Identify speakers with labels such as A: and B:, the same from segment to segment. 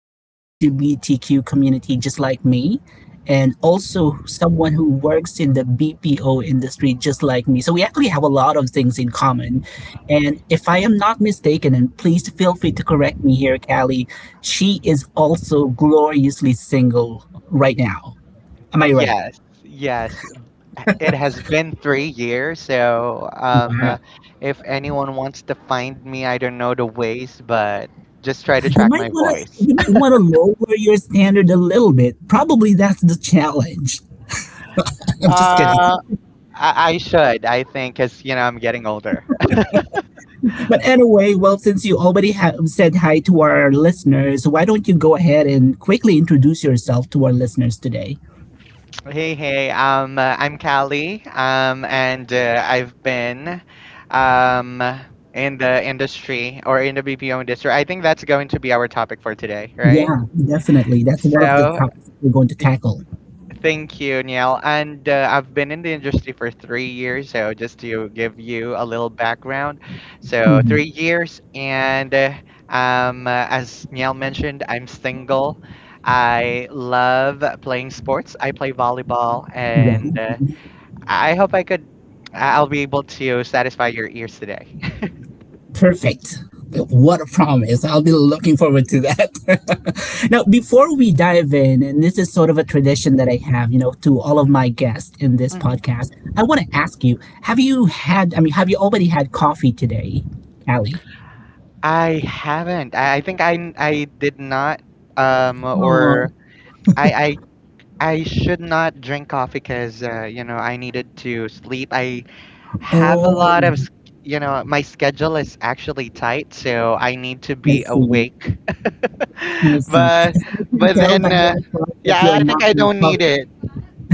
A: of the LGBTQ community, just like me, and also someone who works in the BPO industry, just like me. So we actually have a lot of things in common. And if I am not mistaken, and please feel free to correct me here, Callie, she is also gloriously single right now. Am I right?
B: Yes, yes. It has been 3 years, so
A: Wow.
B: um, if anyone wants to find me, I don't know the ways, but just try to
A: You
B: track
A: might
B: my
A: want to
B: voice.
A: you might want to lower your standard a little bit. Probably that's the challenge. I'm just kidding.
B: Uh, I should, I think, because you know I'm getting older.
A: But anyway, well, since you already have said hi to our listeners, why don't you go ahead and quickly introduce yourself to our listeners today?
B: Hey, hey. I'm Callie. And I've been um in the industry or in the BPO industry. I think that's going to be our topic for today, right?
A: Yeah, definitely. That's one of the
B: So
A: topics we're going to tackle.
B: thank you, Niall. And I've been in the industry for 3 years. So, just to give you a little background, so
A: Mhm.
B: 3 years, and as Niall mentioned, I'm single. I love playing sports. I play volleyball,
A: Wow.
B: and I hope I could, I'll be able to satisfy your ears today.
A: Perfect. What a promise. I'll be looking forward to that. Now, before we dive in, and this is sort of a tradition that I have, to all of my guests in this
B: hmm
A: podcast, I want to ask you have you had, I mean, have you already had coffee today, Allie?
B: I haven't. I think I did not
A: Oh,
B: or I I I should not drink coffee because you know I needed to sleep. I have a lot of
A: oh,
B: you know my schedule is actually tight, so I need to
A: I
B: be
A: see.
B: awake.
A: I see.
B: but
A: So I can
B: but
A: tell by
B: then
A: your response that you
B: yeah,
A: are
B: I think
A: not
B: I
A: in
B: don't need
A: coffee.
B: it,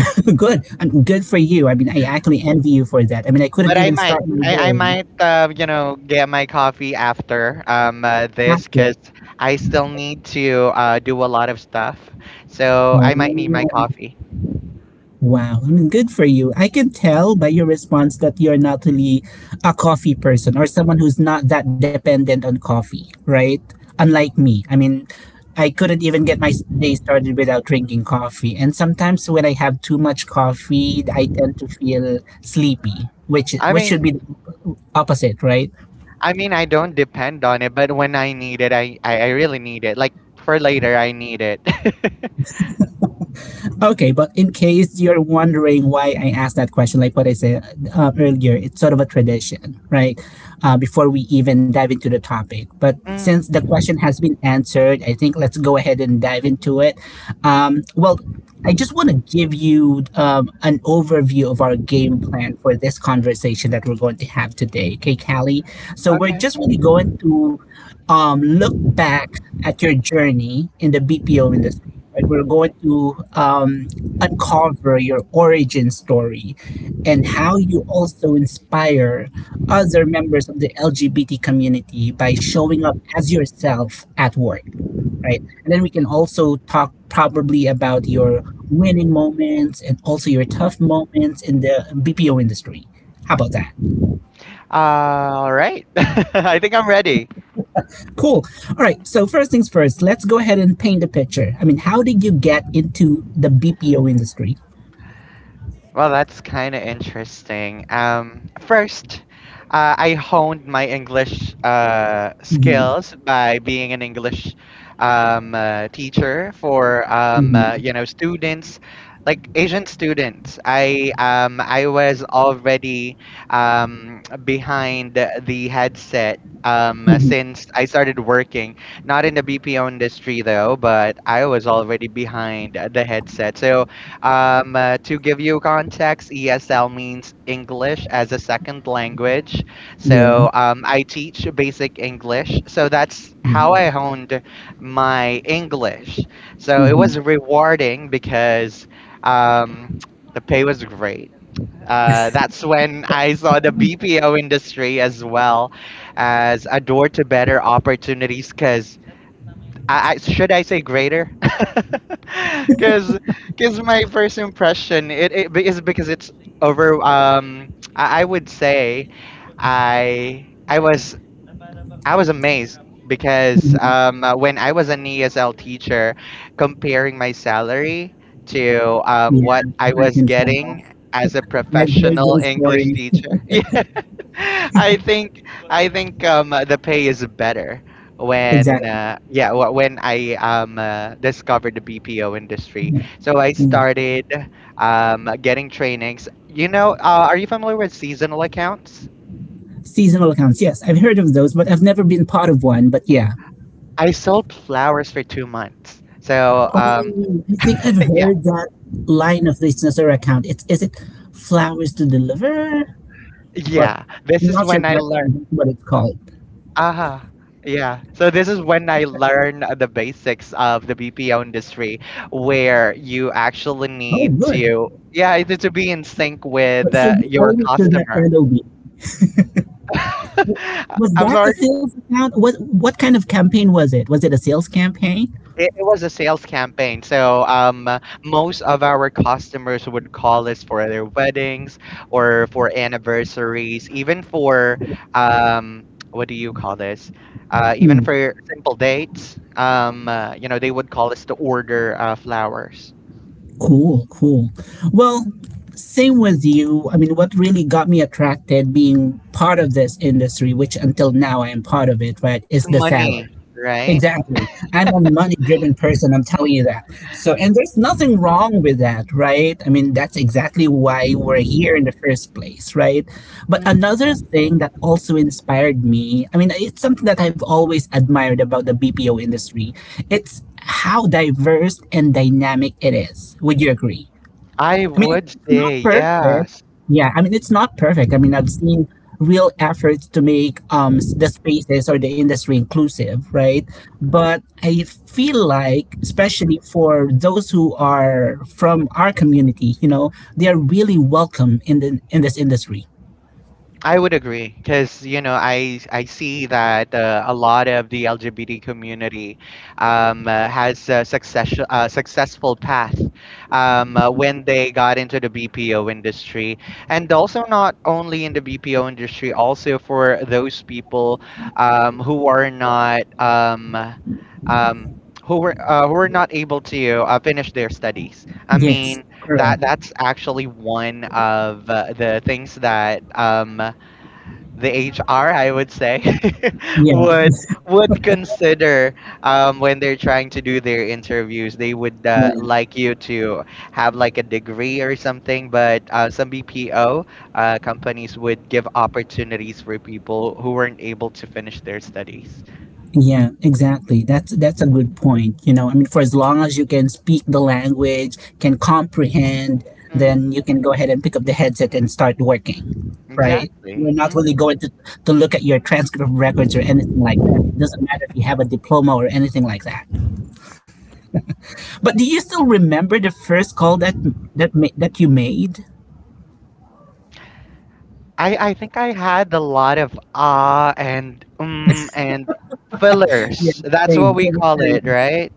A: Good. And good for you. I mean, I actually envy you for that. I mean, I couldn't
B: but I
A: even
B: might.
A: start my
B: I
A: day
B: might you know get my coffee after this
A: after.
B: because I still need to do a lot of stuff, so I might need my
A: Oh,
B: coffee.
A: wow, I mean, good for you. I can tell by your response that you're not really a coffee person or someone who's not that dependent on coffee, right? Unlike me. I mean, I couldn't even get my day started without drinking coffee. And sometimes when I have too much coffee, I tend to feel sleepy, which
B: I
A: which
B: mean.
A: should be the opposite, right?
B: I mean, I don't depend on it, but when I need it, I really need it. Like for later, I need it.
A: Okay, but in case you're wondering why I asked that question, like what I said earlier, it's sort of a tradition, right? Before we even dive into the topic. But since the
B: mm,
A: question has been answered, I think let's go ahead and dive into it. Well, I just want to give you an overview of our game plan for this conversation that we're going to have today. Okay, Callie? So we're
B: okay.
A: just really going to look back at your journey in the BPO industry, right? We're going to uncover your origin story and how you also inspire other members of the LGBT community by showing up as yourself at work, right? And then we can also talk probably about your winning moments and also your tough moments in the BPO industry. How about that?
B: All right. I think I'm ready.
A: Cool. All right. So, first things first, let's go ahead and paint the picture. I mean, how did you get into the BPO industry?
B: Well, that's kind of interesting. First, I honed my English
A: Mhm,
B: skills by being an English teacher for
A: mhm.
B: you know students, like Asian students. I was already behind the headset.
A: Mhm.
B: Since I started working, not in the BPO industry though, but I was already behind the headset. So to give you context, ESL means English as a second language.
A: Yeah.
B: So I teach basic English. So that's how
A: Wow.
B: I honed my English. So it
A: Mhm.
B: was rewarding because um, the pay was great. That's when I saw the BPO industry as well as a door to better opportunities because I should I say greater? Because because my first impression is because it's over. I would say I I was I was amazed because
A: Mhm.
B: when I was an ESL teacher, comparing my salary to
A: Yeah,
B: what I
A: I
B: was
A: can tell.
B: getting as a
A: I've heard
B: professional
A: those
B: English
A: stories.
B: teacher. I think I think the pay is better when
A: Exactly.
B: yeah when I discovered the BPO industry.
A: Yeah.
B: So I
A: Yeah.
B: started getting trainings. You know, are you familiar with seasonal accounts?
A: Seasonal accounts. Yes, I've heard of those, but I've never been part of one. But yeah.
B: I sold flowers for 2 months.
A: Oh, I think I've
B: Yeah
A: heard that line of business or account. It's is it flowers to deliver or
B: yeah this
A: I'm
B: is
A: not sure
B: when
A: if
B: I
A: that's
B: learned.
A: what it's called.
B: Ah, yeah. So this is when I learned the basics of the BPO industry, where you actually
A: Oh,
B: need
A: good.
B: to, yeah, either to be in sync with
A: So you
B: your
A: owe it to that
B: customer.
A: LOB. Was
B: I'm
A: that a
B: sorry.
A: sales account? What kind of campaign was it? Was it a sales campaign?
B: It was a sales campaign. So most of our customers would call us for their weddings or for anniversaries, even for um, what do you call this? Even for simple dates, you know, they would call us to order flowers.
A: Cool, cool. Well, same with you. I mean, what really got me attracted being part of this industry, which until now I am part of it, right, is
B: It's
A: the salary.
B: money, right?
A: Exactly. I'm a money driven person, I'm telling you that. So, and there's nothing wrong with that, right? I mean, that's exactly why we're here in the first place, right? But
B: hmm
A: another thing that also inspired me, I mean, it's something that I've always admired about the BPO industry. It's how diverse and dynamic it is. Would you agree?
B: I
A: I mean,
B: would
A: it's not
B: say
A: perfect.
B: yes.
A: Yeah, I mean, it's not perfect. I mean, I've seen real efforts to make the spaces or the industry inclusive, right? But I feel like, especially for those who are from our community, they are really welcome in the in this industry.
B: I would agree because you know I see that a lot of the LGBT community has a successful path when they got into the BPO industry, and also not only in the BPO industry, also for those people who are not um, who were not able to finish their studies. I
A: Yes,
B: mean that
A: correct.
B: that's actually one of the things that the HR, I would say,
A: Yeah,
B: would consider when they're trying to do their interviews. They would
A: yeah.
B: like you to have like a degree or something, but some BPO companies would give opportunities for people who weren't able to finish their studies.
A: Yeah, exactly. That's a good point. I mean, for as long as you can speak the language, can comprehend,
B: Mm,
A: then you can go ahead and pick up the headset and start working, right? We're
B: exactly.
A: not really
B: Mm.
A: going to look at your transcript records or anything like that. It doesn't matter if you have a diploma or anything like that. But do you still remember the first call that you made?
B: I think I had a lot of ah and
A: Yeah,
B: fillers. That's what
A: same,
B: we
A: same
B: call it,
A: experience.
B: right?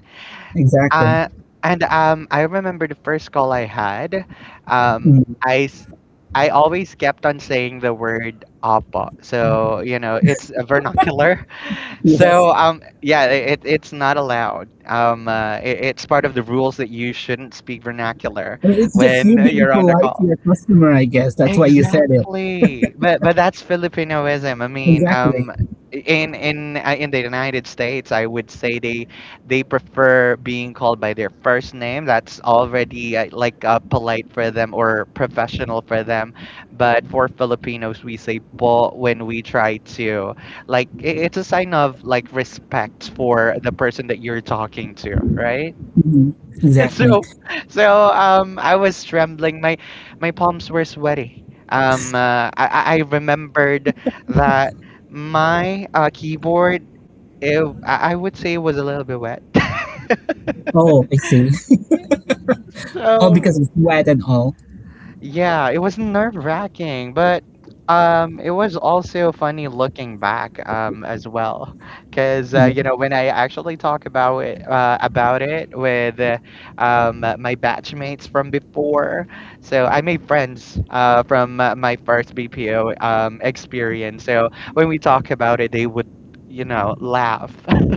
A: Exactly.
B: Uh, and I remember the first call I had. Um,
A: Mm,
B: I s- I always kept on saying the word "apa," so you know it's a vernacular.
A: yes.
B: So yeah, it's not allowed. It's part of the rules that you shouldn't speak vernacular
A: I mean, it's just
B: when
A: you being
B: you're on the
A: polite to
B: call.
A: your customer, I guess. That's why you said it.
B: Exactly. But that's Filipinoism. I mean,
A: Exactly.
B: in the United States, I would say they prefer being called by their first name. That's already like polite for them or professional for them. But for Filipinos, we say po when we try to like it's a sign of like respect for the person that you're talking to, right?
A: Mhm. Exactly.
B: So, so I was trembling. My palms were sweaty. I I remembered that my keyboard, I would say, was a little bit wet.
A: Oh, I see. Oh,
B: So
A: because it's wet and all.
B: yeah, it was nerve-wracking, but it was also funny looking back as well, because
A: Yeah.
B: you know when I actually talk about it with my batchmates from before, so I made friends from my first BPO experience. So when we talk about it, they would you know laugh.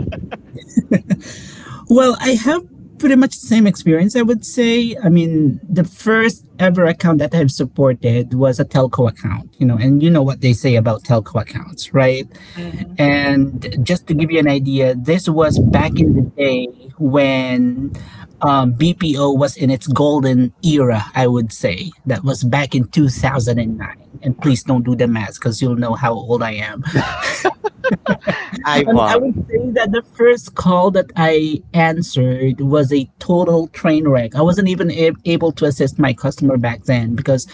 A: Well, I have pretty much the same experience. I would say. I mean, the first ever account that I've supported was a telco account. And you know what they say about telco accounts, right?
B: Mhm.
A: And just to give you an idea, this was back in the day when BPO was in its golden era, I would say. That was back in 2009. And please don't do the math because you'll know how old I am.
B: I
A: I mean, I would say
B: won't.
A: that the first call that I answered was a total train wreck. I wasn't even able to assist my customer back then because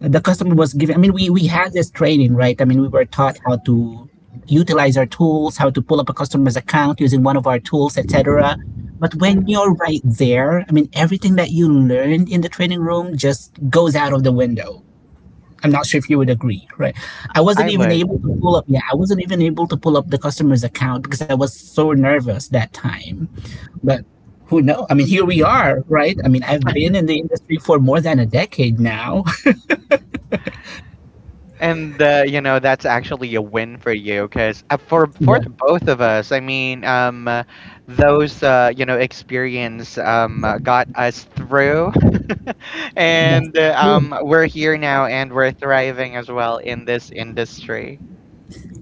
A: the customer was giving. I mean, we had this training, right? I mean, we were taught how to utilize our tools, how to pull up a customer's account using one of our tools, etc. But when
B: Mhm.
A: you're right there, I mean, everything that you learned in the training room just goes out of the window. I'm not sure if you would agree, right? I wasn't
B: I
A: even
B: would.
A: able to pull up. Yeah, I wasn't even able to pull up the customer's account because I was so nervous that time. But who knows? I mean, here we are, right? I mean, I've been in the industry for more than a decade now.
B: And You know that's actually a win for you because for
A: Yeah,
B: the both of us, I mean, those you know experience got us through,
A: that's
B: and uh,
A: true.
B: um, we're here now and we're thriving as well in this industry.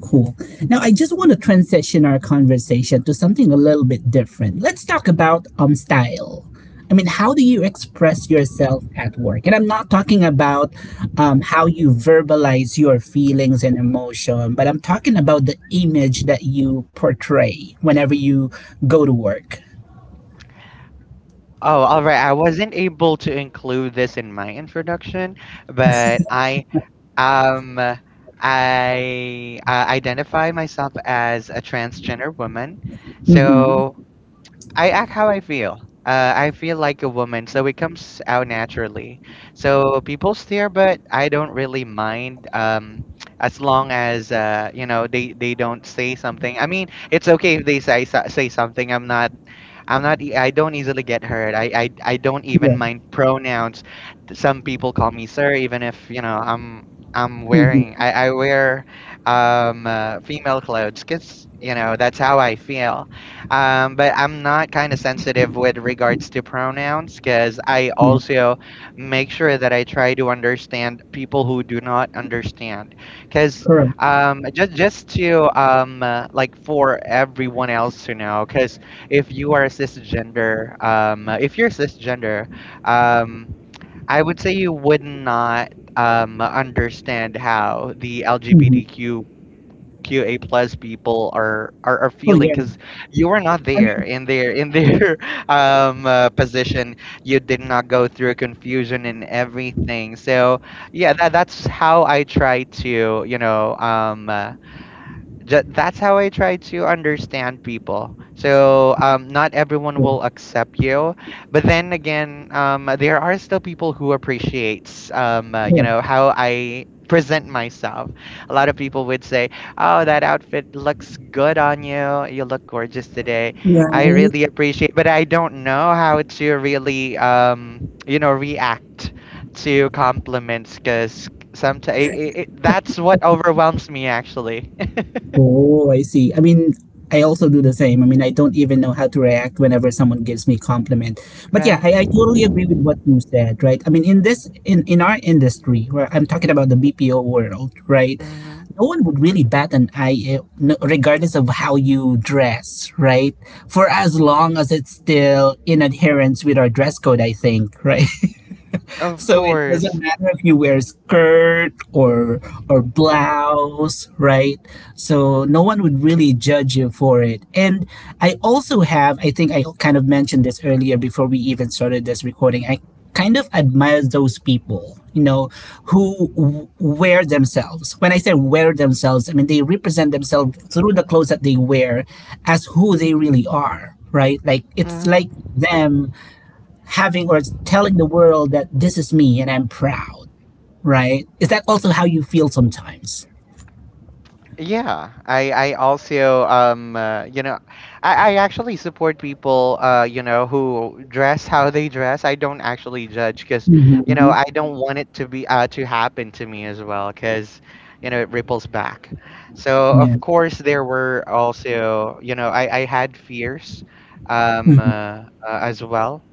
A: Cool. Now, I just want to transition our conversation to something a little bit different. Let's talk about style. I mean, how do you express yourself at work? And I'm not talking about how you verbalize your feelings and emotion, but I'm talking about the image that you portray whenever you go to work.
B: Oh, all right. I wasn't able to include this in my introduction, but um uh, I identify myself as a transgender woman.
A: Mm-hmm.
B: So I act how I feel. I feel like a woman, so it comes out naturally. So people stare, but I don't really mind. As long as you know they don't say something. I mean, it's okay if they say something. I'm not I'm not. E- I don't easily get hurt. I don't even
A: Yeah.
B: mind pronouns. Some people call me sir, even if you know
A: Mm-hmm.
B: I wear female clothes because you know that's how I feel. But I'm not kind of sensitive with regards to pronouns because I
A: Yeah.
B: also make sure that I try to understand people who do not understand. Because
A: Correct.
B: just to like for everyone else to know, because if you are cisgender, if you're cisgender, um, I would say you would not understand how the
A: Mm-hmm.
B: LGBTQQA plus people are
A: Oh
B: feeling
A: yeah.
B: because you are not
A: I
B: there
A: mean,
B: in their position. You did not go through confusion and everything. So yeah, that's how I try to you know that's how I try to understand people. So not everyone
A: yeah.
B: will accept you, but then again, there are still people who appreciates you
A: Yeah.
B: know how I present myself. A lot of people would say, "Oh, that outfit looks good on you. You look gorgeous today. I really appreciate." But I don't know how to really you know react to compliments because sometimes that's what overwhelms me actually.
A: Oh, I see. I mean, I also do the same. I mean, I don't even know how to react whenever someone gives me compliment. But yeah,
B: Right.
A: I totally agree with what you said, right? I mean, in this in our industry, where I'm talking about the BPO world, right?
B: hmm
A: No one would really bat an eye, regardless of how you dress, right? For as long as it's still in adherence with our dress code, I think, right?
B: Of
A: So it doesn't
B: course.
A: matter if you wear a skirt or blouse, right? So no one would really judge you for it. And I also have, I think I kind of mentioned this earlier before we even started this recording. I kind of admire those people, who wear themselves. When I say wear themselves, I mean they represent themselves through the clothes that they wear as who they really are, right? Like it's like
B: Hmm
A: them having or telling the world that this is me and I'm proud, right? Is that also how you feel sometimes?
B: Yeah, I also you know I actually support people you know who dress how they dress. I don't actually judge because you know
A: Mm-hmm.
B: I don't want it to be to happen to me as well because you know it ripples back. So
A: Yeah.
B: of course there were also you know I had fears
A: Mm-hmm.
B: as well.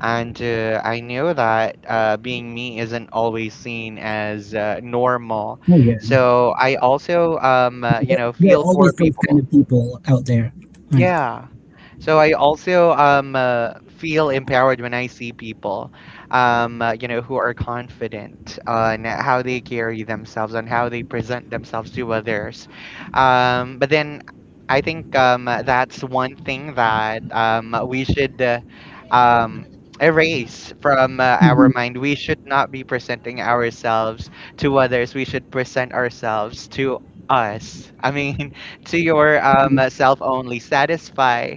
B: And I know that being me isn't always seen as normal.
A: Oh, yeah.
B: So I also, you know,
A: There are
B: feel for
A: always those kind
B: people
A: of people out there, right?
B: yeah. So I also feel empowered when I see people you know who are confident on how they carry themselves and how they present themselves to others. But then I think that's one thing that we should um erase from our
A: Mm-hmm.
B: mind. We should not be presenting ourselves to others. We should present ourselves to us. I mean to your self only. Satisfy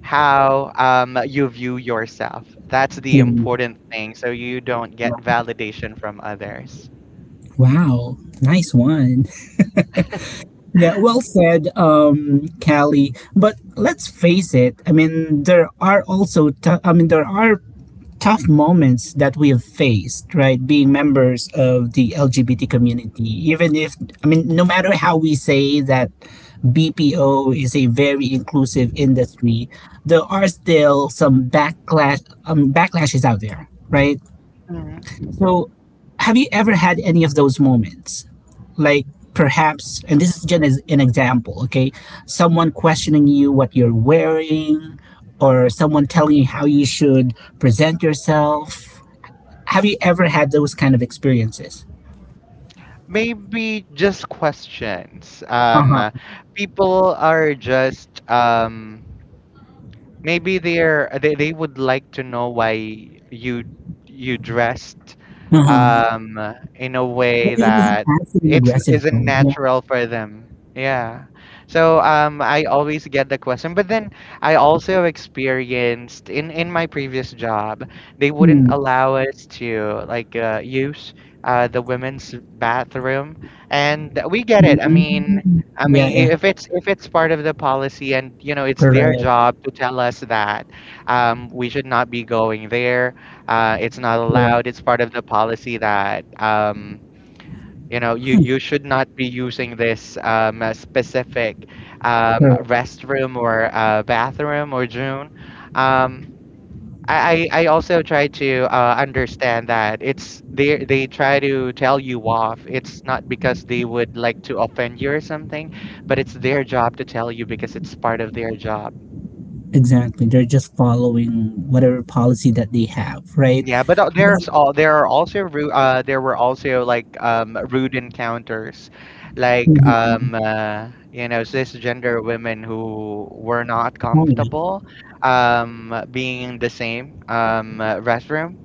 B: how you view yourself. That's the
A: Yeah.
B: important thing, so you don't get validation from others.
A: Wow. Nice one. Yeah, well said, Callie. But let's face it. I mean, there are also. Tou- I mean, there are tough moments that we have faced, right? Being members of the LGBT community, even if I mean, no matter how we say that BPO is a very inclusive industry, there are still some backlashes out there, right?
B: Mhm.
A: So, have you ever had any of those moments? Like perhaps, and this is just as an example, okay? Someone questioning you what you're wearing, or someone telling you how you should present yourself. Have you ever had those kind of experiences?
B: Maybe just questions.
A: Uh huh.
B: People are just maybe they would like to know why you you dressed
A: Uh huh.
B: in a
A: But
B: way
A: it was an
B: that
A: passive and
B: it's
A: aggressive
B: isn't
A: tone. Yeah.
B: natural for them. Yeah. So I always get the question, but then I also experienced in my previous job. They wouldn't
A: Mm-hmm.
B: allow us to like use the women's bathroom, and we get it. I mean, I
A: Yeah.
B: mean,
A: Yeah.
B: I- if it's part of the policy, and it's their
A: Correct.
B: job to tell us that we should not be going there. It's not
A: Correct.
B: allowed. It's part of the policy that you should not be using this specific
A: Correct.
B: restroom or bathroom or June. Um, I also try to understand that it's they try to tell you off. It's not because they would like to offend you or something, but it's their job to tell you because it's part of their job.
A: Exactly. They're just following whatever policy that they have, right?
B: Yeah, but
A: Well,
B: there's all there are also ru- there were also like rude encounters, like
A: mhm.
B: cisgender women who were not
A: Oh, yeah.
B: comfortable being in the same restroom.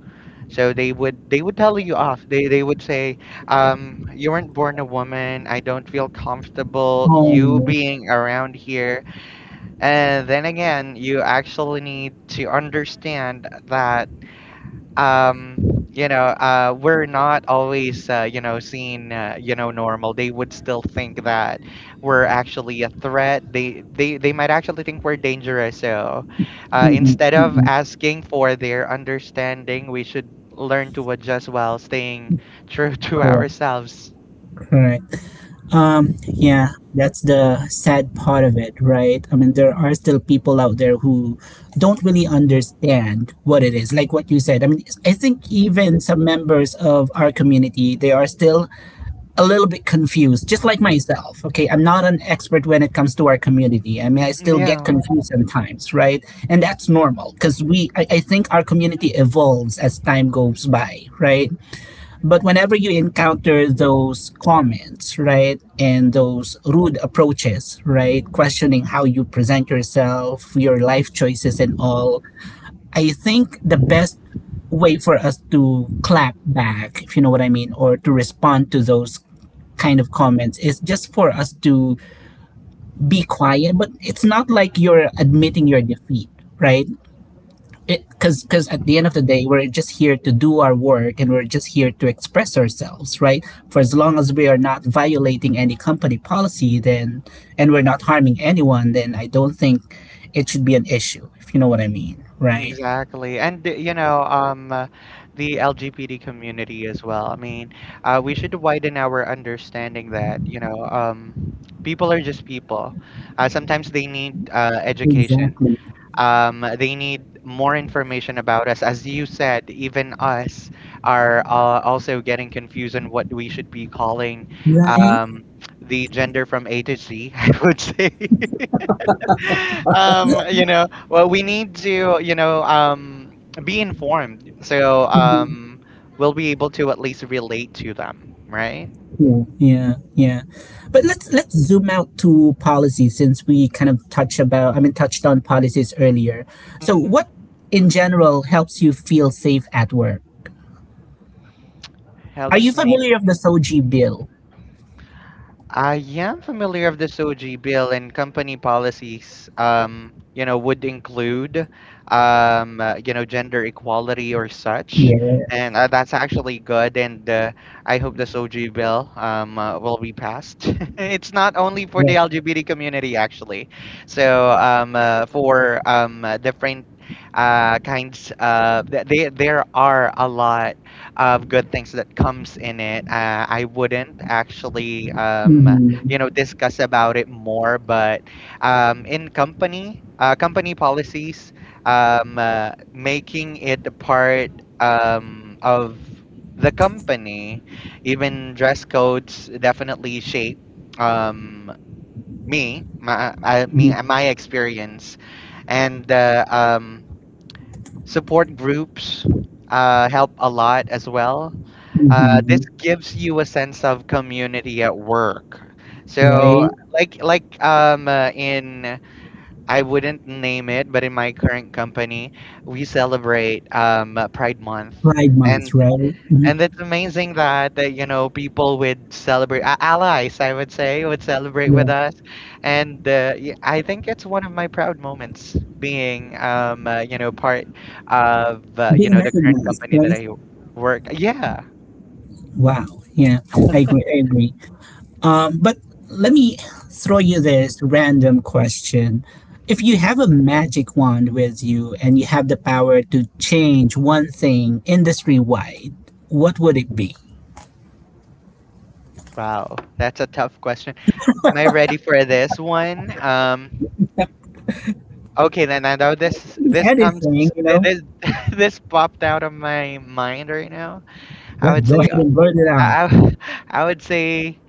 B: So they would tell you off. They would say, "You weren't born a woman. I don't feel comfortable you
A: Oh,
B: being around here." And then again, you actually need to understand that um we're not always seen normal. They would still think that we're actually a threat. They might actually think we're dangerous. So
A: mm-mm,
B: instead of
A: mm-mm.
B: asking for their understanding, we should learn to adjust while staying true to
A: Correct,
B: ourselves.
A: correct. Yeah, that's the sad part of it, right? I mean, there are still people out there who don't really understand what it is, like what you said. I mean, I think even some members of our community, they are still a little bit confused, just like myself. Okay, I'm not an expert when it comes to our community. I mean, I still get
B: Yeah.
A: confused sometimes, right? And that's normal because I think our community evolves as time goes by, right? But whenever you encounter those comments, right, and those rude approaches, right, questioning how you present yourself, your life choices, and all, I think the best way for us to clap back, if you know what I mean, or to respond to those kind of comments is just for us to be quiet. But it's not like you're admitting your defeat, right? It' because at the end of the day, we're just here to do our work, and we're just here to express ourselves, right, for as long as we are not violating any company policy, then and we're not harming anyone, then I don't think it should be an issue, if you know what I mean, right?
B: Exactly. And the LGBT community as well. I mean, we should widen our understanding that, people are just people. Sometimes they need education.
A: Exactly.
B: They need more information about us. As you said, even us are also getting confused on what we should be calling
A: Right.
B: um, the gender from A to Z, I would say. Well, we need to, be informed. So, we'll be able to at least relate to them, right?
A: Yeah, yeah, yeah. But let's zoom out to policy, since we kind of touched about, I mean, touched on policies earlier. So
B: Mhm.
A: what in general helps you feel safe at work? Are you
B: Helps me.
A: familiar of the Soji bill?
B: I am familiar of this OG bill, and company policies, would include, gender equality or such.
A: Yes.
B: And That's actually good. And I hope this OG bill will be passed. It's not only for the
A: Right.
B: LGBT community, actually. So for different kinds, there are a lot of good things that comes in it. I wouldn't actually,
A: Mm-hmm.
B: discuss about it more, but in company policies, making it a part of the company, even dress codes definitely shape um, me, my, I, me,
A: Mm-hmm.
B: my experience, and support groups help a lot as well. This
A: Mm-hmm.
B: gives you a sense of community at work.
A: Right.
B: So, like in I wouldn't name it, but in my current company, we celebrate Pride Month,
A: Pride
B: and
A: Month, right? Hmm.
B: it's amazing that, people would celebrate, allies, I would say, would celebrate
A: Yeah.
B: with us. And I think it's one of my proud moments being, part of,
A: Being
B: the current
A: recognized,
B: company that
A: right?
B: I work. Yeah.
A: Wow. Yeah. I agree. I agree. But let me throw you this random question. If you have a magic wand with you and you have the power to change one thing industry wide, what would it be?
B: Wow. That's a tough question. Am I ready for this one? Okay, then I know this this comes
A: Anything, you
B: thi-
A: know?
B: this this popped out of my mind right now. I
A: Let's
B: would
A: go
B: say
A: ahead and burn it out.
B: I I would say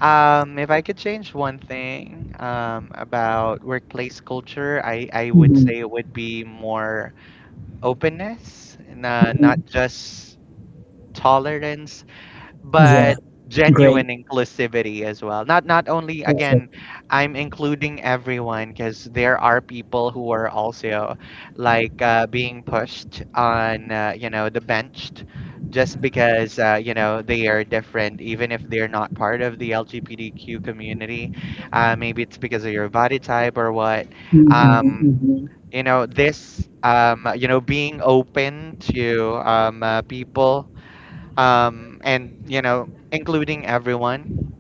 B: If I could change one thing about workplace culture, I would
A: Mhm.
B: say it would be more openness, and not just tolerance, but
A: Yeah, great,
B: genuine inclusivity as well. Not only
A: perfect.
B: again, I'm including everyone because there are people who are also like being pushed on the benched just because they are different, even if they're not part of the LGBTQ community. Maybe it's because of your body type or what. Um,
A: Hmm.
B: you know this. Being open to people and including everyone.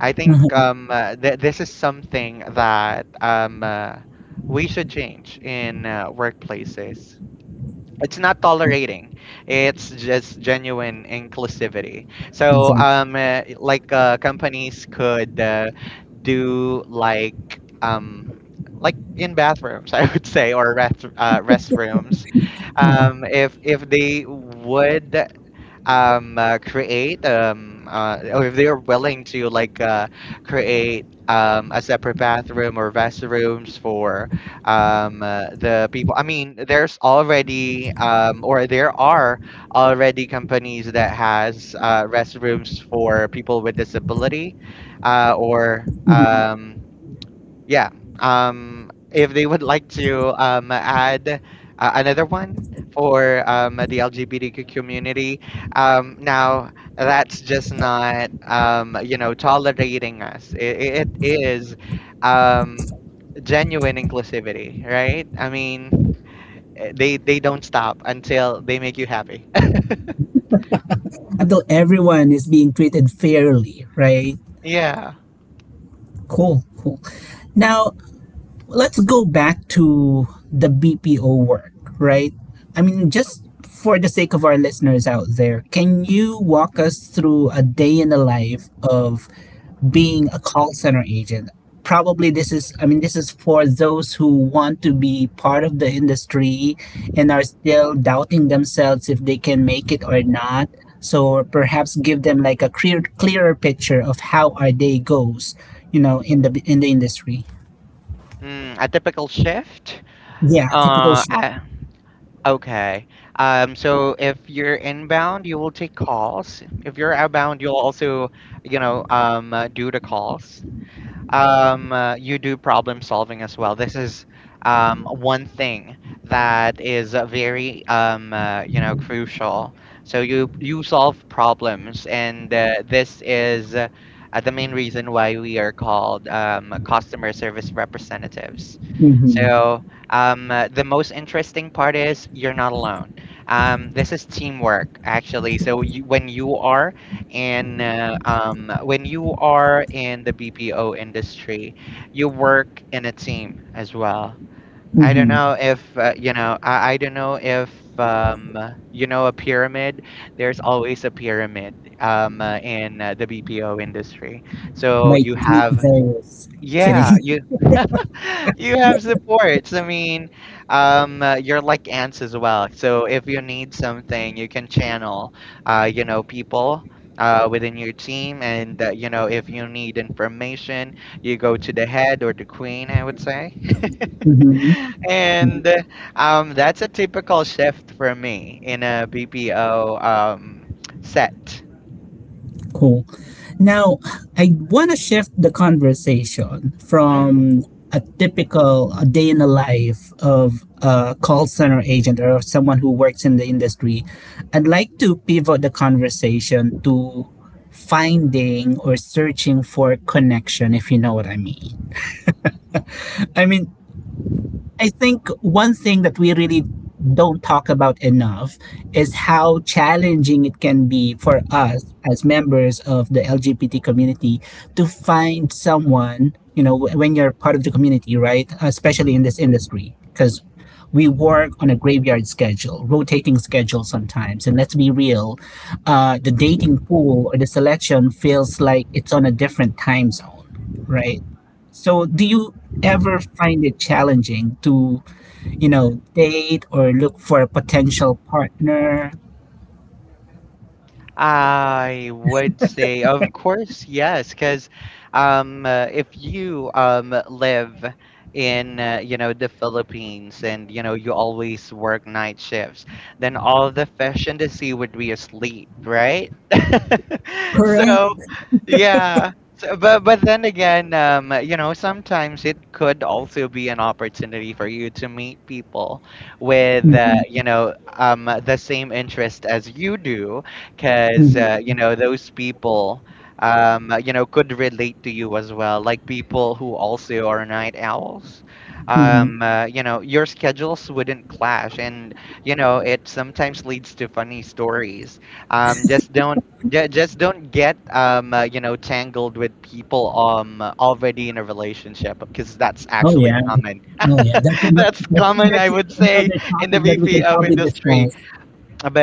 B: I think
A: Uh-huh.
B: this is something that we should change in workplaces. It's not tolerating; it's just genuine inclusivity. So,
A: Exactly.
B: like companies could do um, like in bathrooms, I would say, or restrooms,
A: Yeah.
B: if they would create or if they're willing to like create a separate bathroom or restrooms for the people. I mean, there's already or there are already companies that has restrooms for people with disability,
A: Hmm.
B: or yeah. If they would like to add another one for the LGBTQ community, now that's just not tolerating us. It is um, genuine inclusivity, right? I mean, they don't stop until they make you happy.
A: Until everyone is being treated fairly, right?
B: Yeah.
A: Cool, cool. Now, let's go back to the BPO work, right? I mean, just for the sake of our listeners out there, can you walk us through a day in the life of being a call center agent? Probably this is, I mean, this is for those who want to be part of the industry and are still doubting themselves if they can make it or not. So perhaps give them like a clear, clearer picture of how our day goes, you know, in the industry.
B: A typical shift.
A: Yeah, typical
B: Uh,
A: shit.
B: Okay. So if you're inbound, you will take calls. If you're outbound, you'll also, do the calls. You do problem solving as well. This is one thing that is very crucial. So you solve problems, and this is the main reason why we are called customer service representatives.
A: Hmm.
B: So the most interesting part is you're not alone. This is teamwork, actually. So when you are in the BPO industry, you work in a team as well. I don't
A: Hmm.
B: know if you know. I don't know if um, you know a pyramid. There's always a pyramid in the BPO industry. So
A: Like
B: you have,
A: there is
B: yeah,
A: kidding.
B: you have supports. I mean, you're like ants as well. So if you need something, you can channel, people within your team. And, if you need information, you go to the head or the queen, I would say.
A: Hmm.
B: And That's a typical shift for me in a BPO set.
A: Cool. Now, I want to shift the conversation
B: Mm-hmm.
A: from a typical day in the life of a call center agent or someone who works in the industry. I'd like to pivot the conversation to finding or searching for connection, if you know what I mean. I mean, I think one thing that we really don't talk about enough is how challenging it can be for us as members of the LGBT community to find someone, you know, when you're part of the community, right? Especially in this industry, because we work on a graveyard schedule, rotating schedule sometimes. And let's be real, the dating pool or the selection feels like it's on a different time zone, right? So, do you ever find it challenging to, you know, date or look for a potential partner?
B: I would say, of course, yes, because if you live in the Philippines and you know you always work night shifts, then all the fish in the sea would be asleep, right?
A: Correct.
B: So, yeah. But then again, sometimes it could also be an opportunity for you to meet people with
A: Mhm,
B: the same interest as you do, because
A: mhm,
B: those people could relate to you as well, like people who also are night owls.
A: mhm.
B: Your schedules wouldn't clash, and it sometimes leads to funny stories. Just don't ju- just don't get tangled with people already in a relationship, because that's
A: Oh
B: actually
A: yeah.
B: common.
A: Oh yeah. That's another.
B: That's
A: I think
B: common, I
A: that's
B: would say,
A: another
B: in the
A: topic that we can
B: BPO
A: probably
B: industry,
A: discuss.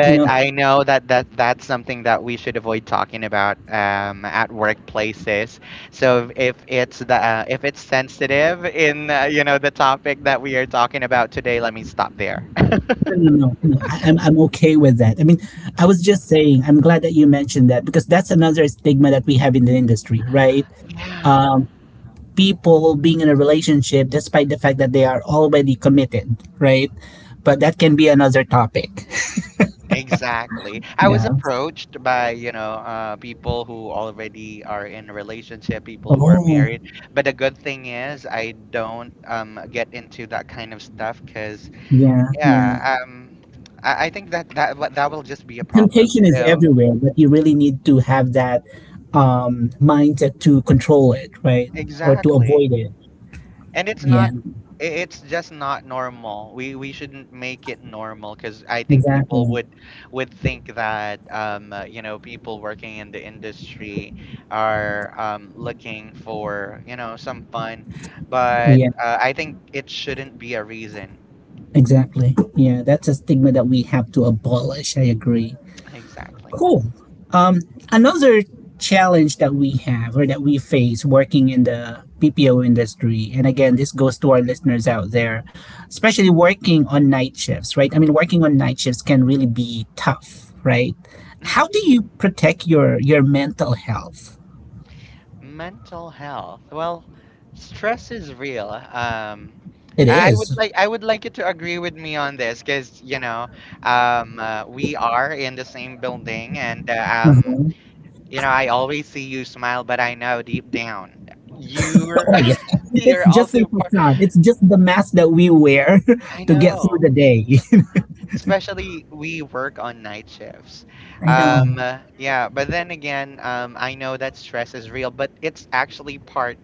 A: You know,
B: I know that, that's something that we should avoid talking about at workplaces. So if it's sensitive in the topic that we are talking about today, let me stop there.
A: no, no, no, no. I'm okay with that. I mean, I was just saying. I'm glad that you mentioned that because that's another stigma that we have in the industry, right?
B: Yeah,
A: Um, People being in a relationship despite the fact that they are already committed, right? But that can be another topic.
B: exactly. I was
A: Yeah.
B: approached by, people who already are in a relationship, people who are
A: Oh,
B: married. But the good thing is, I don't get into that kind of stuff because...
A: yeah, yeah.
B: Yeah, I think that that will just be a problem.
A: Temptation is
B: So,
A: everywhere, but you really need to have that mindset to control it, right? Or to
B: exactly,
A: avoid it.
B: and
A: Yeah,
B: it's just not normal. We shouldn't make it normal because I think people
A: exactly.
B: would think that people working in the industry are looking for some fun, but
A: Yeah,
B: I think it shouldn't be a reason.
A: exactly. Yeah, that's a stigma that we have to abolish. I agree.
B: Exactly.
A: Cool. Um, another challenge that we have or that we face working in the BPO industry, and again, this goes to our listeners out there, especially working on night shifts, right? I mean, working on night shifts can really be tough, right? How
B: Mm-hmm.
A: do you protect your mental health?
B: Mental health. Well, stress is real.
A: It
B: I would
A: is.
B: like I would like you to agree with me on this, because we are in the same building, and
A: Uh-huh.
B: you know I always see you smile, but I know deep down you're...
A: Oh yeah, it's
B: you're
A: just a
B: also part.
A: facade. It's just the mask that we wear
B: I
A: to get through
B: know.
A: the day.
B: Especially we work on night shifts.
A: I know.
B: Yeah, but then again, I know that stress is real, but it's actually part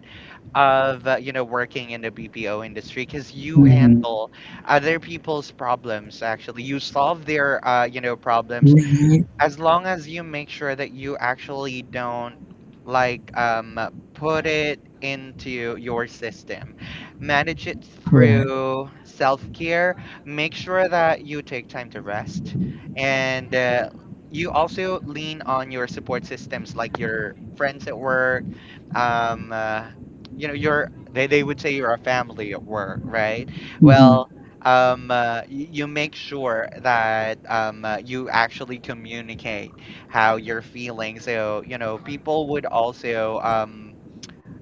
B: of working in the BPO industry, because you
A: Hmm.
B: handle other people's problems. Actually, you solve their problems.
A: Right.
B: As long as you make sure that you actually don't, like um put it into your system, manage it
A: Correct.
B: through self-care, make sure that you take time to rest, and you also lean on your support systems, like your friends at work. Um uh, you know your they, they would say you're a family at work, right?
A: Hmm.
B: Well, you make sure that you actually communicate how you're feeling. So, you know, people would also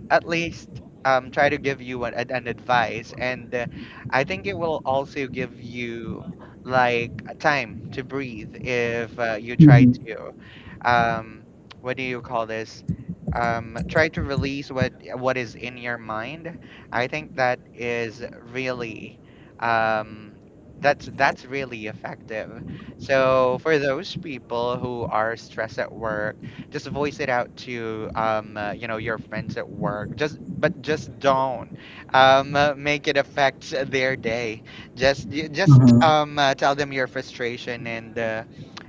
B: at least try to give you an advice and I think it will also give you like a time to breathe if you try
A: Hmm.
B: to um, what do you call this? Try to release what is in your mind. I think that is really um, that's really effective. So for those people who are stressed at work, just voice it out to you know, your friends at work. Just, but just don't make it affect their day. Just
A: Mm-hmm.
B: tell them your frustration, and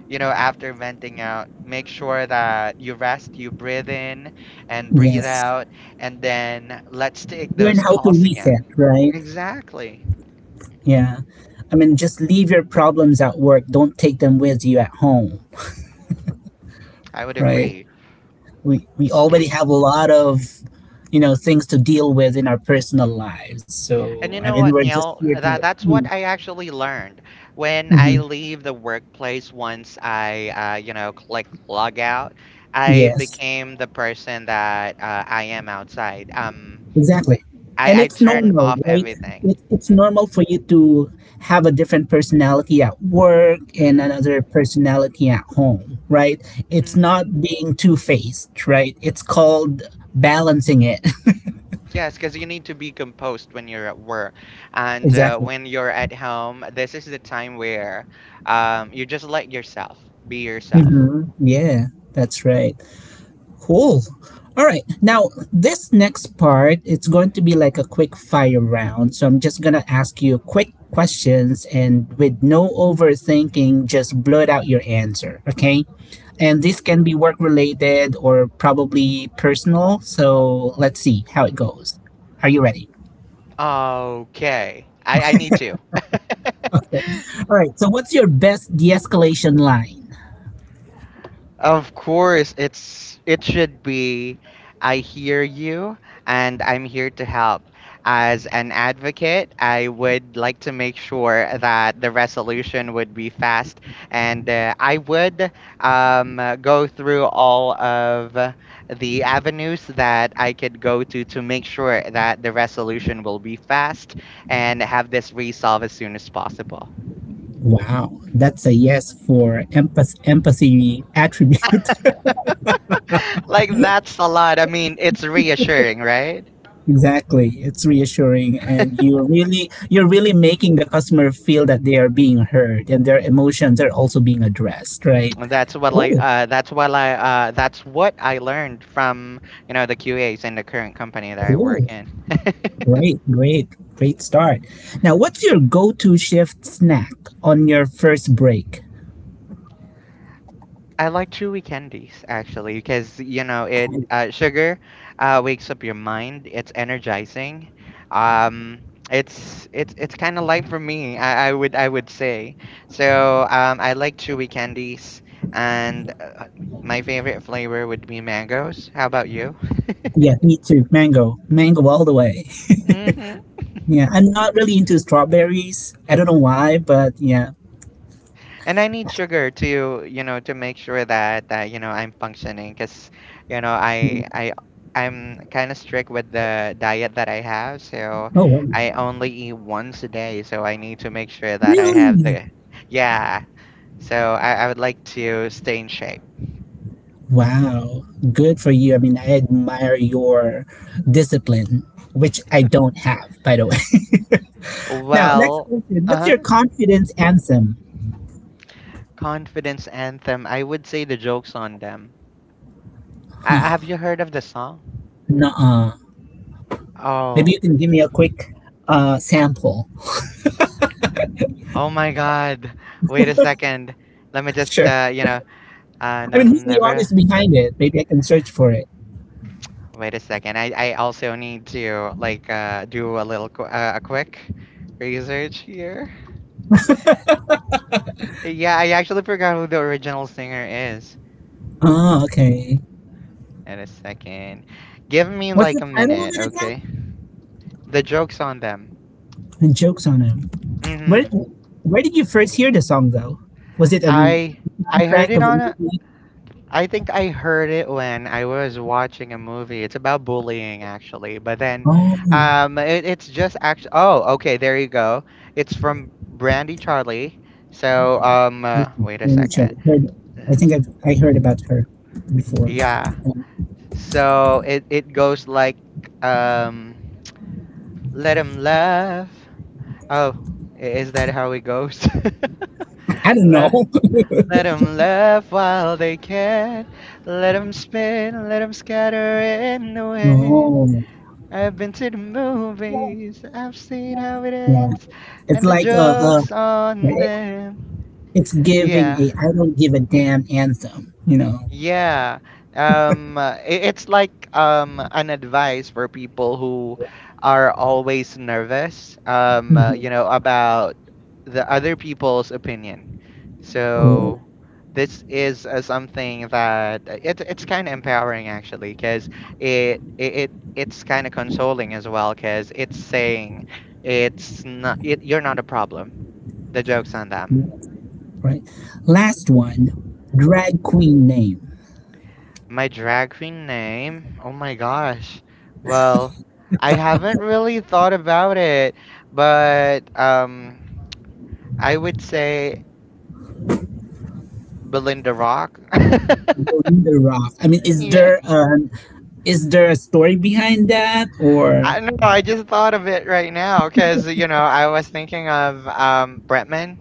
B: you know, after venting out, make sure that you rest, you breathe in and breathe
A: Yes.
B: out, and then let's take
A: Learn
B: those
A: how to
B: calls again.
A: reset, right?
B: Exactly.
A: Yeah. I mean, just leave your problems at work. Don't take them with you at home,
B: I would
A: right?
B: agree.
A: We already have a lot of, you know, things to deal with in our personal lives. So,
B: And you
A: I
B: know
A: mean,
B: what,
A: we're just
B: Neil?
A: here to work.
B: That's what I actually learned. When I
A: Mm-hmm.
B: leave the workplace, once I, you know, click log out, I
A: Yes.
B: became the person that I am outside.
A: Exactly. And
B: I
A: it's
B: turn
A: normal,
B: off
A: right?
B: everything.
A: It's
B: Mm,
A: normal for you to have a different personality at work and
B: mm,
A: another personality at home, right? It's
B: mm.
A: not being two faced, right? It's called balancing it.
B: Yes, because you need to be composed when you're at work, and
A: Exactly.
B: when you're at home, this is the time where you just let yourself be yourself.
A: Hmm. Yeah, that's right. Cool. All right. Now, this next part, it's going to be like a quick fire round. So I'm just going to ask you quick questions and with no overthinking, just blurt out your answer. Okay. And this can be work related or probably personal. So let's see how it goes. Are you ready?
B: Okay, I need to.
A: All right. So, what's your best de escalation line?
B: Of course, it's it should be I hear you and I'm here to help. As an advocate, I would like to make sure that the resolution would be fast and I would go through all of the avenues that I could go to make sure that the resolution will be fast and have this resolved as soon as possible.
A: Wow. That's a yes for empathy attribute.
B: Like, that's a lot. I mean, it's reassuring, right?
A: Exactly. It's reassuring, and you're really making the customer feel that they are being heard and their emotions are also being addressed, right?
B: that's what like
A: Oh,
B: that's what I learned from, you know, the QAs in the current company that I work
A: cool.
B: in.
A: Great, great, great start. Now what's your go-to shift snack on your first break?
B: I like chewy candies, actually, because you know, it sugar wakes up your mind. It's energizing. Um, it's kind of light for me. I would say so. I like chewy candies, and uh, my favorite flavor would be mangoes. How about you?
A: Yeah, me too. Mango. Mango all the way. Yeah. I'm not really into strawberries. I don't know why, but yeah.
B: And I need sugar to, you know, to make sure that you know, I'm functioning, because you know,
A: Yeah.
B: I I'm kind of strict with the diet that I have, so
A: Oh wow.
B: I only eat once a day, so I need to make sure that I have
A: Really?
B: the, yeah, so I would like to stay in shape.
A: Wow, good for you. I mean, I admire your discipline, which I don't have, by the way. Now, next
B: Well.
A: question. What's your
B: Uh-huh.
A: confidence anthem?
B: Confidence anthem. I would say "The Joke's on Them." I, have you heard of the song?
A: Nuh-uh. Maybe
B: Oh.
A: you can give me a quick sample.
B: Oh my god, wait a second, let me just
A: Sure.
B: you know.
A: I
B: No,
A: mean, who's the
B: never.
A: artist behind it? Maybe I can search for it.
B: Wait a second. I also need to like do a little a quick research here. Yeah, I actually forgot who the original singer is.
A: Oh, okay.
B: Wait a second. Give me
A: What's
B: like
A: the
B: a
A: title of
B: minute,
A: it
B: okay?
A: again?
B: "The Joke's on Them."
A: And jokes on him. Where
B: Mm-hmm.
A: Where did you first hear the song though? Was it a
B: I I heard
A: soundtrack
B: it
A: of a
B: on a
A: movie?
B: I think I heard it when I was watching a movie. It's about bullying actually, but then
A: Oh,
B: it's just actually, oh, okay, there you go. It's from Brandy Charlie. So wait a
A: Naomi Cho.
B: second.
A: Heard,
B: Is-
A: I heard about her before.
B: Yeah.
A: Um,
B: So it goes like, um let him laugh. Oh, is that how it goes?
A: I don't know.
B: Let, let 'em laugh while they can. Let 'em spin, let 'em scatter in the wind.
A: Oh,
B: I've been to the movies, I've seen how it
A: yeah.
B: ends,
A: It's
B: and the
A: like
B: joke's on
A: it-
B: them.
A: it's giving
B: Yeah,
A: a I don't give a damn anthem, you know.
B: yeah. It's like an advice for people who are always nervous,
A: Hmm.
B: you know, about the other people's opinion.
A: Cool.
B: So this is something that it's kind of empowering, actually, because it's kind of consoling as well, because it's saying it's not it, you're not a problem. The joke's on them.
A: Yeah, right. Last one, drag queen name.
B: My drag queen name? Oh my gosh. Well, I haven't really thought about it, but um, I would say Belinda Rock.
A: Belinda Rock. I mean,
B: Yeah.
A: is there a story behind that or
B: I don't know, I just thought of it right now because, you know, I was thinking of um, Bretman.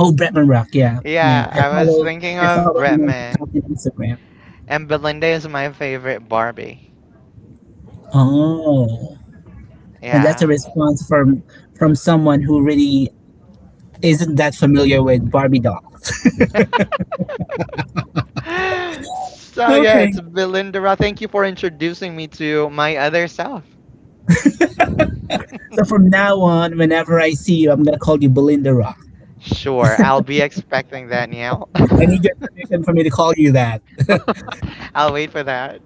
A: oh Bretman Rock? Yeah, yeah.
B: Yeah, I was thinking
A: I
B: of
A: follow him on
B: Bretman.
A: TikTok and Instagram.
B: And Belinda is my favorite Barbie.
A: Oh, and that's a
B: Yeah.
A: response from someone who really isn't that familiar with Barbie dolls.
B: So yeah,
A: Okay.
B: it's Belinda Rock. Thank you for introducing me to my other self.
A: So from now on, whenever I see you, I'm gonna call you Belinda Rock.
B: Sure, I'll be expecting that, Niall.
A: I need your permission for me to call you that.
B: I'll wait for that.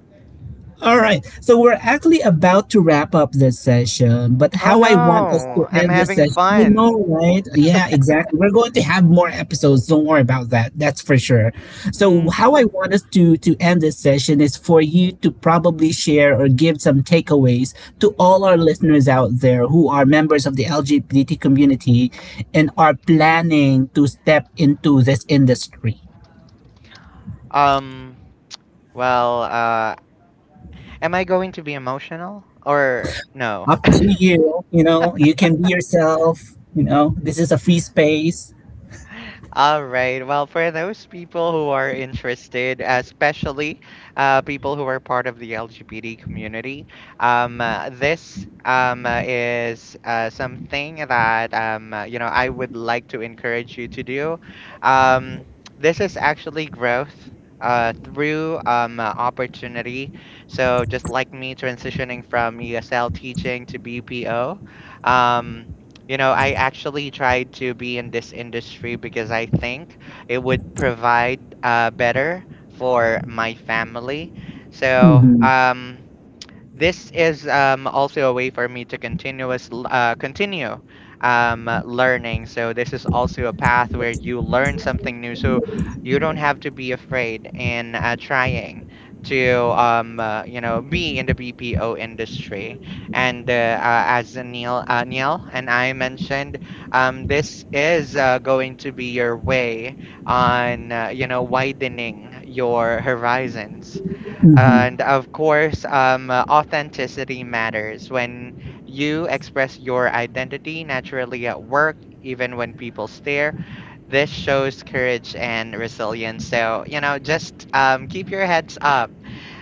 A: All right. So we're actually about to wrap up this session, but
B: Oh
A: how I want us
B: no,
A: to
B: I'm
A: end this
B: having
A: session, I
B: fun.
A: know, right? Yeah, exactly. We're going to have more episodes. Don't worry about that. That's for sure. So
B: Mm.
A: how I want us to end this session is for you to probably share or give some takeaways to all our listeners out there who are members of the LGBT community and are planning to step into this industry
B: Um, well, am I going to be emotional or no?
A: up to you. You know, you can be yourself. You know, this is a free space.
B: All right. Well, for those people who are interested, especially people who are part of the LGBT community, this is something that you know, I would like to encourage you to do. Um, this is actually growth. Through opportunity. So, just like me transitioning from ESL teaching to BPO, um, you know, I actually tried to be in this industry because I think it would provide better for my family. So,
A: Mm-hmm.
B: this is also a way for me to continue learning. So this is also a path where you learn something new. So you don't have to be afraid in trying to you know, be in the BPO industry. And as Neil, Neil and I mentioned, this is going to be your way on, you know, widening your horizons.
A: Mm-hmm.
B: And of course, authenticity matters. When you express your identity naturally at work, even when people stare, this shows courage and resilience. So, you know, just keep your heads up.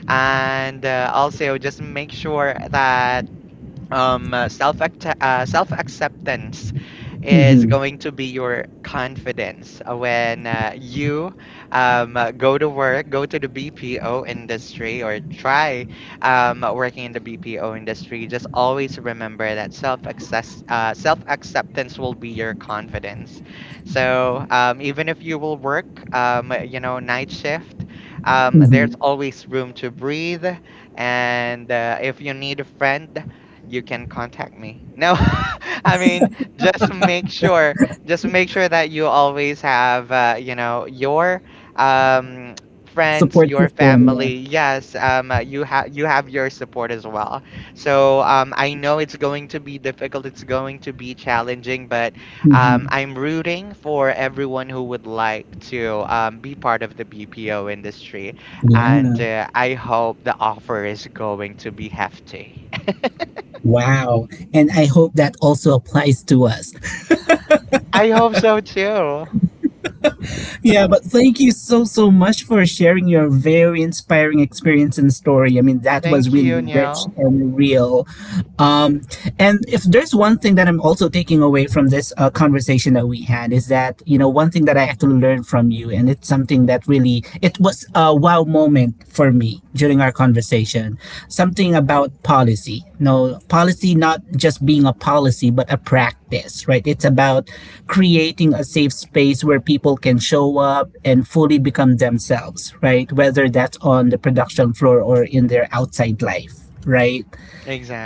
B: And also, just make sure that self acceptance is
A: Mm-hmm.
B: going to be your confidence when you go to work, go to the BPO industry or try working in the BPO industry. Just always remember that self acceptance will be your confidence. So even if you will work you know, night shift, there's
A: Mm-hmm.
B: always room to breathe. And if you need a friend, you can contact me. No, I mean, just make sure, just make sure that you always have, you know, your um, friends,
A: Support
B: your
A: system. Yeah.
B: family. Yes, you have, you have your support as well. So I know it's going to be difficult. It's going to be challenging, but
A: Mm-hmm.
B: I'm rooting for everyone who would like to be part of the BPO industry, and
A: Yeah.
B: uh, I hope the offer is going to be hefty.
A: Wow. And I hope that also applies to us.
B: I hope so too.
A: Yeah, but thank you so so much for sharing your very inspiring experience and story. I mean, that was
B: Thank
A: really
B: you,
A: rich
B: Niall.
A: and real. Um, and if there's one thing that I'm also taking away from this conversation that we had is that, you know, one thing that I actually learned from you, and it's something that really it was a wow moment for me during our conversation, something about policy, no, policy not just being a policy but a practice, right? It's about creating a safe space where people can show up and fully become themselves, right, whether that's on the production floor or in their outside life, right?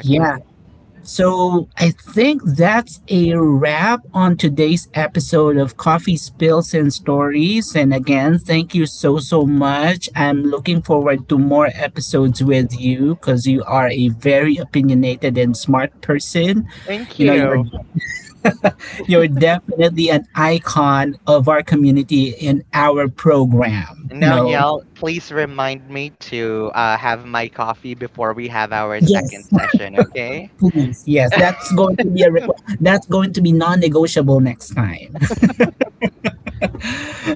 A: Yeah. So I think that's a wrap on today's episode of Coffee Spills and Stories. And again, thank you so, so much. I'm looking forward to more episodes with you, because you are a very opinionated and smart person.
B: Thank
A: You know,
B: you.
A: you're definitely an icon of our community in our program, you
B: Now,
A: know.
B: Niall, please remind me to have my coffee before we have our second
A: Yes,
B: session, okay?
A: please. Yes, that's going to be a request. That's going to be non-negotiable next time.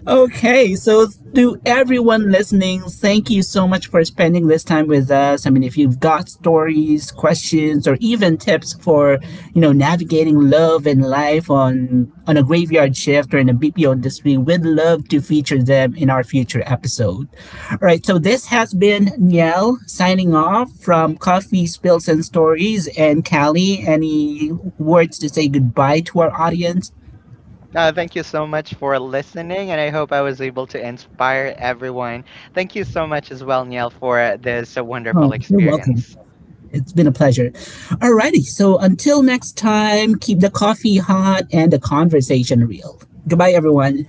A: Okay, so to everyone listening, thank you so much for spending this time with us. I mean, if you've got stories, questions, or even tips for, you know, navigating love and life on a graveyard shift or in a BPO industry, we'd love to feature them in our future episode. All right, so this has been Niel signing off from Coffee Spills and Stories, and Callie, any words to say goodbye to our audience?
B: Thank you so much for listening, and I hope I was able to inspire everyone. Thank you so much as well, Niall, for this wonderful
A: Oh, you're welcome.
B: experience.
A: It's been a pleasure. Alrighty. So until next time, keep the coffee hot and the conversation real. Goodbye, everyone.